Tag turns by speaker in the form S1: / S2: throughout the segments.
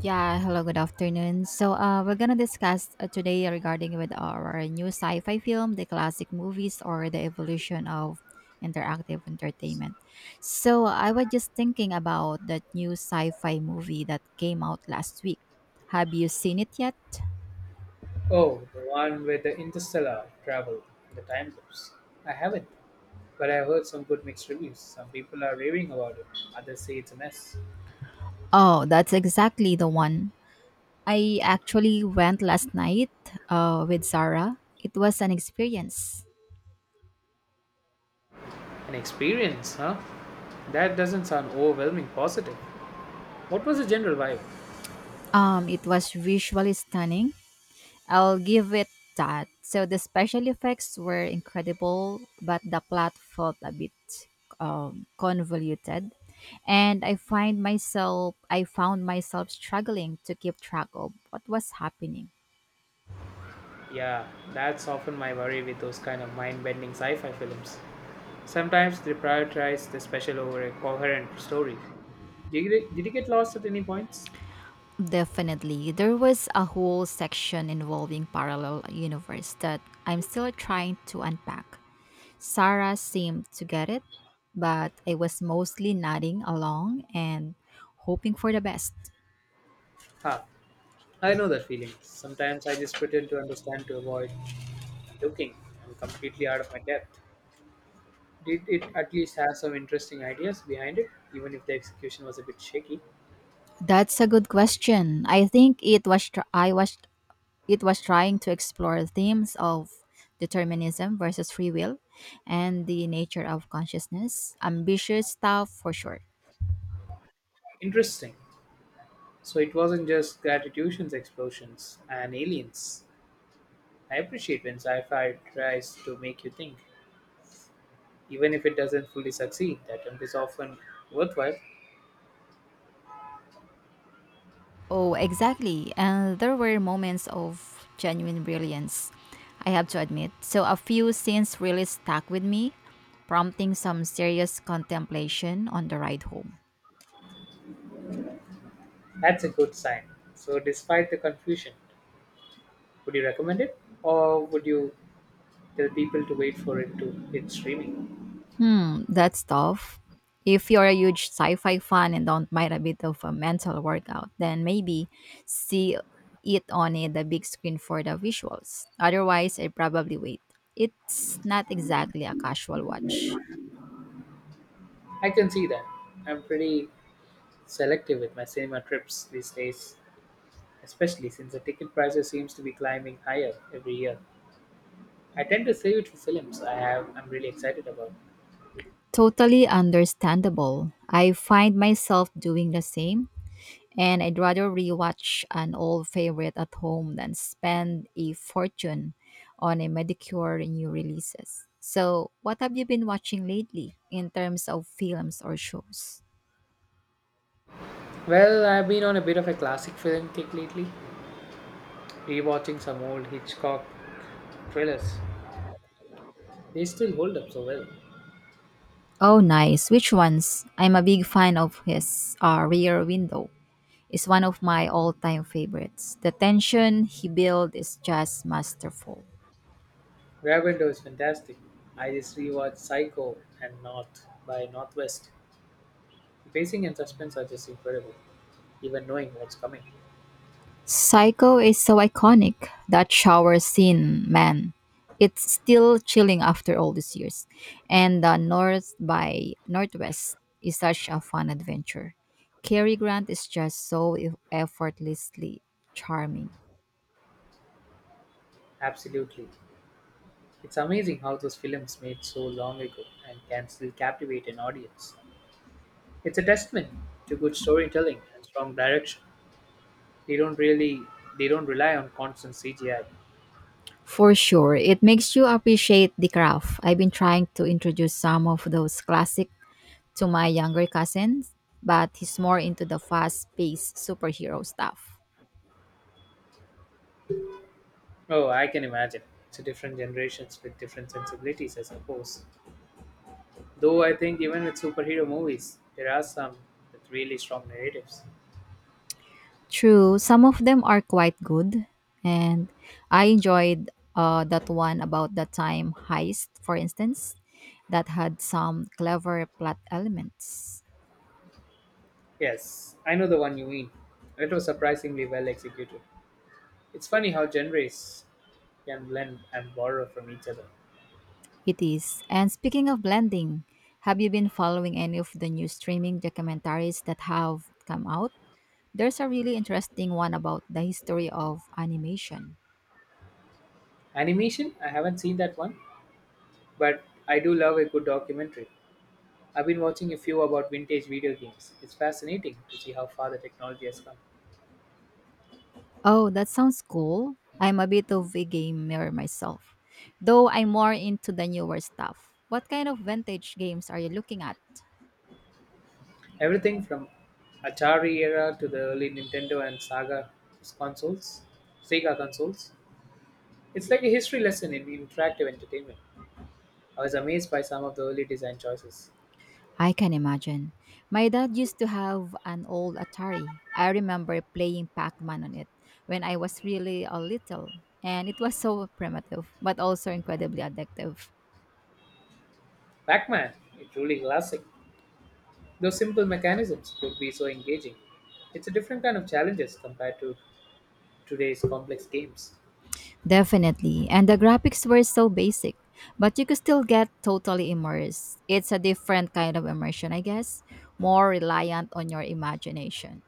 S1: Yeah, hello, good afternoon. We're gonna discuss today regarding with our new sci-fi film, the classic movies, or the evolution of interactive entertainment. So, I was just thinking about that new sci-fi movie that came out last week. Have you seen it yet?
S2: Oh, the one with the interstellar travel and the time loops. I haven't, but I've heard some good mixed reviews. Some people are raving about it, others say it's a mess.
S1: Oh, that's exactly the one. I actually went last night with Sarah. It was an experience.
S2: An experience, huh? That doesn't sound overwhelming positive. What was the general vibe?
S1: It was visually stunning. I'll give it that. So the special effects were incredible, but the plot felt a bit convoluted, and I found myself struggling to keep track of what was happening.
S2: Yeah, that's often my worry with those kind of mind bending sci fi films. Sometimes they prioritize the special over a coherent story. Did you get lost at any points?
S1: Definitely. There was a whole section involving parallel universe that I'm still trying to unpack. Sarah seemed to get it, but I was mostly nodding along and hoping for the best.
S2: Ha, I know that feeling. Sometimes I just pretend to understand to avoid looking. I'm completely out of my depth. Did it at least have some interesting ideas behind it, even if the execution was a bit shaky?
S1: That's a good question. I think it was tr- I was it was trying to explore themes of determinism versus free will and the nature of consciousness. Ambitious stuff for sure.
S2: Interesting. So it wasn't just gratitudes, explosions, and aliens. I appreciate when sci fi tries to make you think. Even if it doesn't fully succeed, the attempt is often worthwhile.
S1: Oh, exactly. And there were moments of genuine brilliance, I have to admit. So a few scenes really stuck with me, prompting some serious contemplation on the ride home.
S2: That's a good sign. So, despite the confusion, would you recommend it? Or would you tell people to wait for it to hit streaming?
S1: That's tough. If you're a huge sci-fi fan and don't mind a bit of a mental workout, then maybe see it on the big screen for the visuals. Otherwise, I'd probably wait. It's not exactly a casual watch.
S2: I can see that. I'm pretty selective with my cinema trips these days, especially since the ticket prices seems to be climbing higher every year. I tend to save it for films I'm really excited about.
S1: Totally understandable. I find myself doing the same, and I'd rather rewatch an old favorite at home than spend a fortune on a medicure new releases. So, what have you been watching lately in terms of films or shows?
S2: Well, I've been on a bit of a classic film kick lately, rewatching some old Hitchcock thrillers. They still hold up so well.
S1: Oh, nice. Which ones? I'm a big fan of his Rear Window. It's one of my all-time favorites. The tension he built is just masterful.
S2: Rear is fantastic. I just rewatched Psycho and North by Northwest. The pacing and suspense are just incredible, even knowing what's coming.
S1: Psycho is so iconic. That shower scene, man. It's still chilling after all these years. And the North by Northwest is such a fun adventure. Cary Grant is just so effortlessly charming.
S2: Absolutely. It's amazing how those films made so long ago and can still captivate an audience. It's a testament to good storytelling and strong direction. They don't really they don't rely on constant CGI.
S1: For sure, it makes you appreciate the craft. I've been trying to introduce some of those classic to my younger cousins, but he's more into the fast-paced superhero stuff.
S2: Oh, I can imagine. It's a different generations with different sensibilities, I suppose. Though I think even with superhero movies, there are some with really strong narratives.
S1: True, some of them are quite good, and I enjoyed that one about the time heist, for instance, that had some clever plot elements.
S2: Yes, I know the one you mean. It was surprisingly well executed. It's funny how genres can blend and borrow from each other.
S1: It is. And speaking of blending, have you been following any of the new streaming documentaries that have come out? There's a really interesting one about the history of animation.
S2: Animation? I haven't seen that one, but I do love a good documentary. I've been watching a few about vintage video games. It's fascinating to see how far the technology has come.
S1: Oh, that sounds cool. I'm a bit of a gamer myself, though I'm more into the newer stuff. What kind of vintage games are you looking at?
S2: Everything from Atari era to the early Nintendo and Saga consoles, Sega consoles. It's like a history lesson in interactive entertainment. I was amazed by some of the early design choices.
S1: I can imagine. My dad used to have an old Atari. I remember playing Pac Man on it when I was really a little, and it was so primitive, but also incredibly addictive.
S2: Pac-Man, it's truly classic. Those simple mechanisms could be so engaging. It's a different kind of challenges compared to today's complex games.
S1: Definitely. And the graphics were so basic, but you could still get totally immersed. It's a different kind of immersion, I guess, more reliant on your imagination.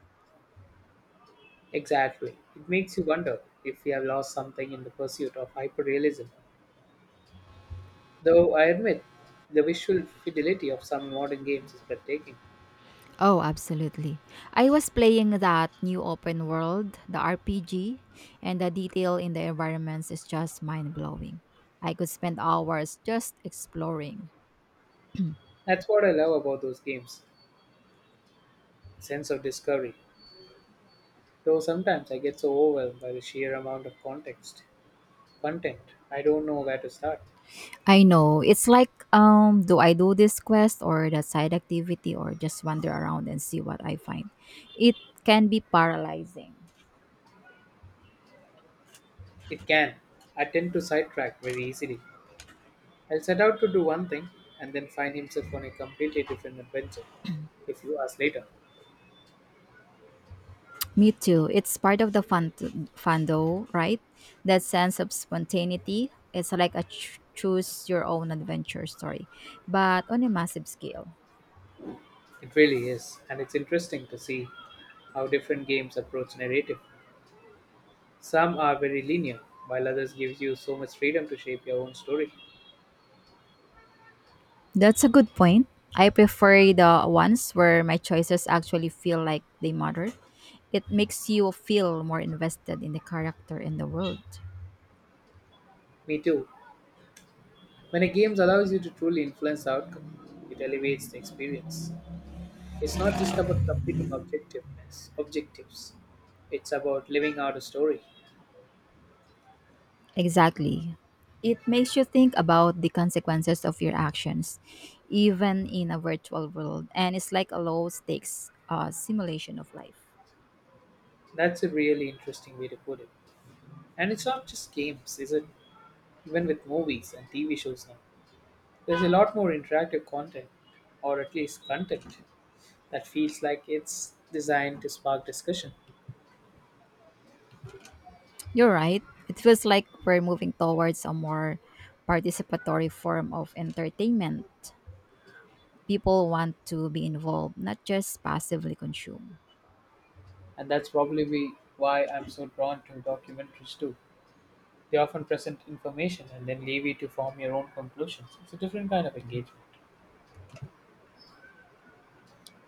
S2: Exactly. It makes you wonder if we have lost something in the pursuit of hyperrealism. Though I admit, the visual fidelity of some modern games is breathtaking.
S1: Oh, absolutely. I was playing that new open world, the RPG, and the detail in the environments is just mind blowing. I could spend hours just exploring.
S2: That's what I love about those games the sense of discovery. Though sometimes I get so overwhelmed by the sheer amount of context, content, I don't know where to start.
S1: I know. It's like, do I do this quest or that side activity or just wander around and see what I find? It can be paralyzing.
S2: It can. I tend to sidetrack very easily. I'll set out to do one thing and then find himself on a completely different adventure, If you ask later.
S1: Me too. It's part of the fun though, right? That sense of spontaneity. It's like a choose your own adventure story, but on a massive scale.
S2: It really is, and it's interesting to see how different games approach narrative. Some are very linear, while others gives you so much freedom to shape your own story.
S1: That's a good point. I prefer the ones where my choices actually feel like they matter. It makes you feel more invested in the character and the world.
S2: Me too. When a game allows you to truly influence the outcome, it elevates the experience. It's not just about completing objectiveness, objectives. It's about living out a story.
S1: Exactly. It makes you think about the consequences of your actions, even in a virtual world, and it's like a low stakes simulation of life.
S2: That's a really interesting way to put it. And it's not just games, is it? Even with movies and TV shows now, there's a lot more interactive content, or at least content that feels like it's designed to spark discussion.
S1: You're right. It feels like we're moving towards a more participatory form of entertainment. People want to be involved, not just passively consume.
S2: And that's probably why I'm so drawn to documentaries too. They often present information and then leave you to form your own conclusions. It's a different kind of engagement.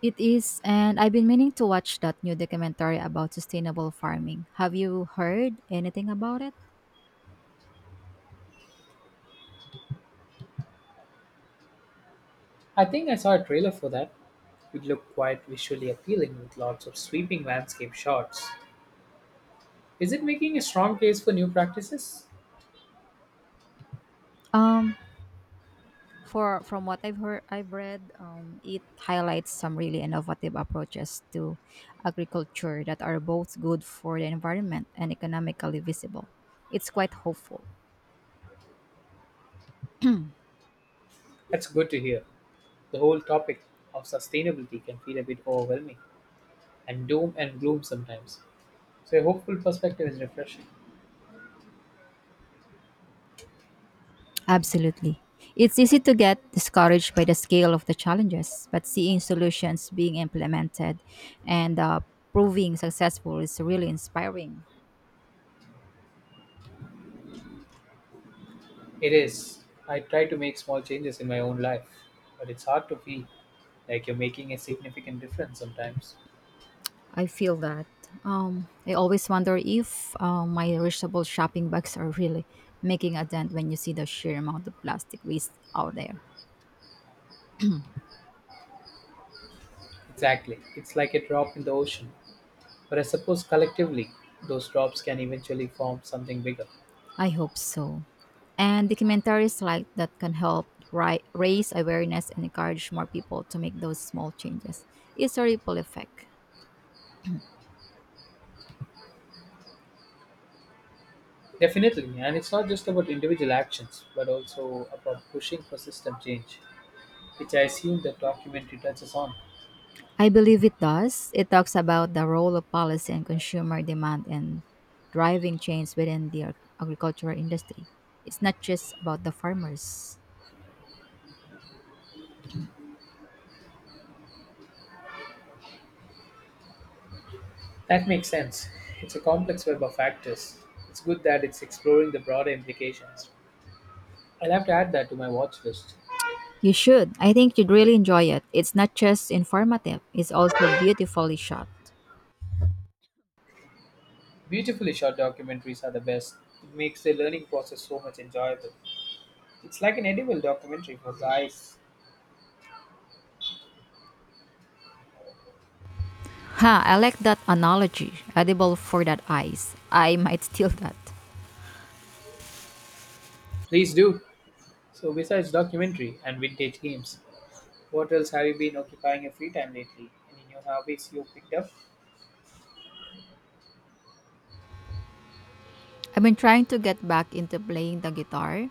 S1: It is, and I've been meaning to watch that new documentary about sustainable farming. Have you heard anything about it?
S2: I think I saw a trailer for that. It looked quite visually appealing with lots of sweeping landscape shots. Is it making a strong case for new practices?
S1: Um, For from what I've read, it highlights some really innovative approaches to agriculture that are both good for the environment and economically visible. It's quite hopeful.
S2: That's good to hear. The whole topic of sustainability can feel a bit overwhelming and doom and gloom sometimes. So, a hopeful perspective is refreshing.
S1: Absolutely. It's easy to get discouraged by the scale of the challenges, but seeing solutions being implemented and proving successful is really inspiring.
S2: It is. I try to make small changes in my own life, but it's hard to feel like you're making a significant difference sometimes.
S1: I feel that. I always wonder if my reachable shopping bags are really making a dent when you see the sheer amount of plastic waste out there.
S2: Exactly. It's like a drop in the ocean. But I suppose collectively, those drops can eventually form something bigger.
S1: I hope so. And documentaries like that can help raise awareness and encourage more people to make those small changes. It's a ripple effect.
S2: Definitely. And it's not just about individual actions, but also about pushing for system change, which I assume the documentary touches on.
S1: I believe it does. It talks about the role of policy and consumer demand in driving change within the agricultural industry. It's not just about the farmers.
S2: That makes sense. It's a complex web of factors. It's good that it's exploring the broader implications. I'll have to add that to my watch list.
S1: You should. I think you'd really enjoy it. It's not just informative, it's also beautifully shot.
S2: Beautifully shot documentaries are the best. It makes the learning process so much enjoyable. It's like an edible documentary for the eyes.
S1: Ha, I like that analogy. Edible for that eyes. I might steal that.
S2: Please do. So, besides documentary and vintage games, what else have you been occupying your free time lately? Any new hobbies you picked up?
S1: I've been trying to get back into playing the guitar.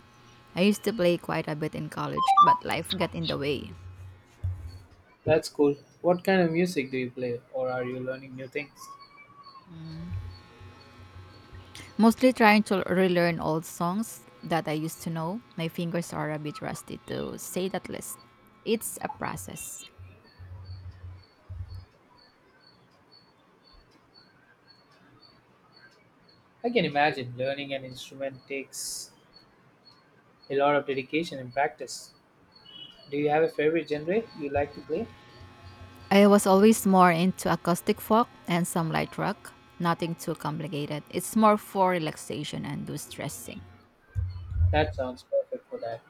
S1: I used to play quite a bit in college, but life got in the way.
S2: That's cool. What kind of music do you play, or are you learning new things?
S1: Mostly trying to relearn old songs that I used to know. My fingers are a bit rusty to say that least. It's a process.
S2: I can imagine learning an instrument takes a lot of dedication and practice. Do you have a favorite genre you like to play?
S1: I was always more into acoustic folk and some light rock. Nothing too complicated. It's more for relaxation and de-stressing.
S2: That sounds perfect for that.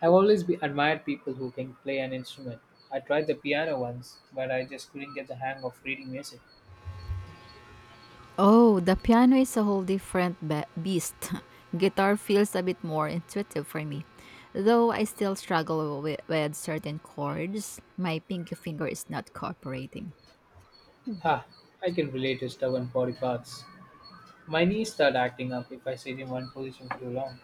S2: I've always be admired people who can play an instrument. I tried the piano once, but I just couldn't get the hang of reading music.
S1: Oh, the piano is a whole different beast. Guitar feels a bit more intuitive for me. Though I still struggle with certain chords, my pinky finger is not cooperating.
S2: Ha, I can relate to stubborn body parts. My knees start acting up if I sit in one position for too long.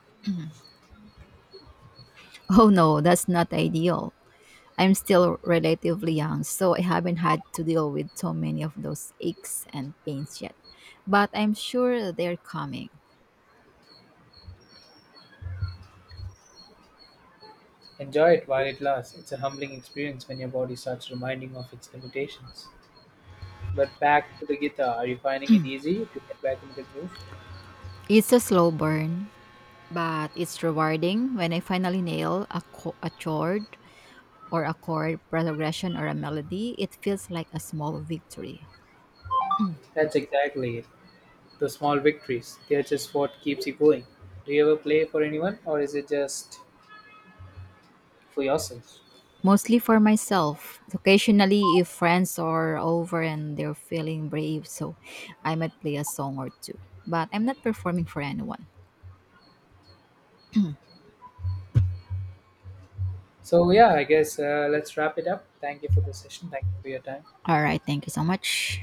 S1: Oh no, that's not ideal. I'm still relatively young, so I haven't had to deal with so many of those aches and pains yet. But I'm sure they're coming.
S2: Enjoy it while it lasts. It's a humbling experience when your body starts reminding of its limitations. But back to the guitar, are you finding it easy to get back into the groove?
S1: It's a slow burn, but it's rewarding when I finally nail a chord or a chord progression or a melody. It feels like a small victory.
S2: That's exactly it. The small victories, they're just what keeps you going. Do you ever play for anyone, or is it just for yourself?
S1: Mostly for myself. Occasionally, if friends are over and they're feeling brave, so I might play a song or two. But I'm not performing for anyone.
S2: So yeah, I guess let's wrap it up. Thank you for the session. Thank you for your time.
S1: All right, thank you so much.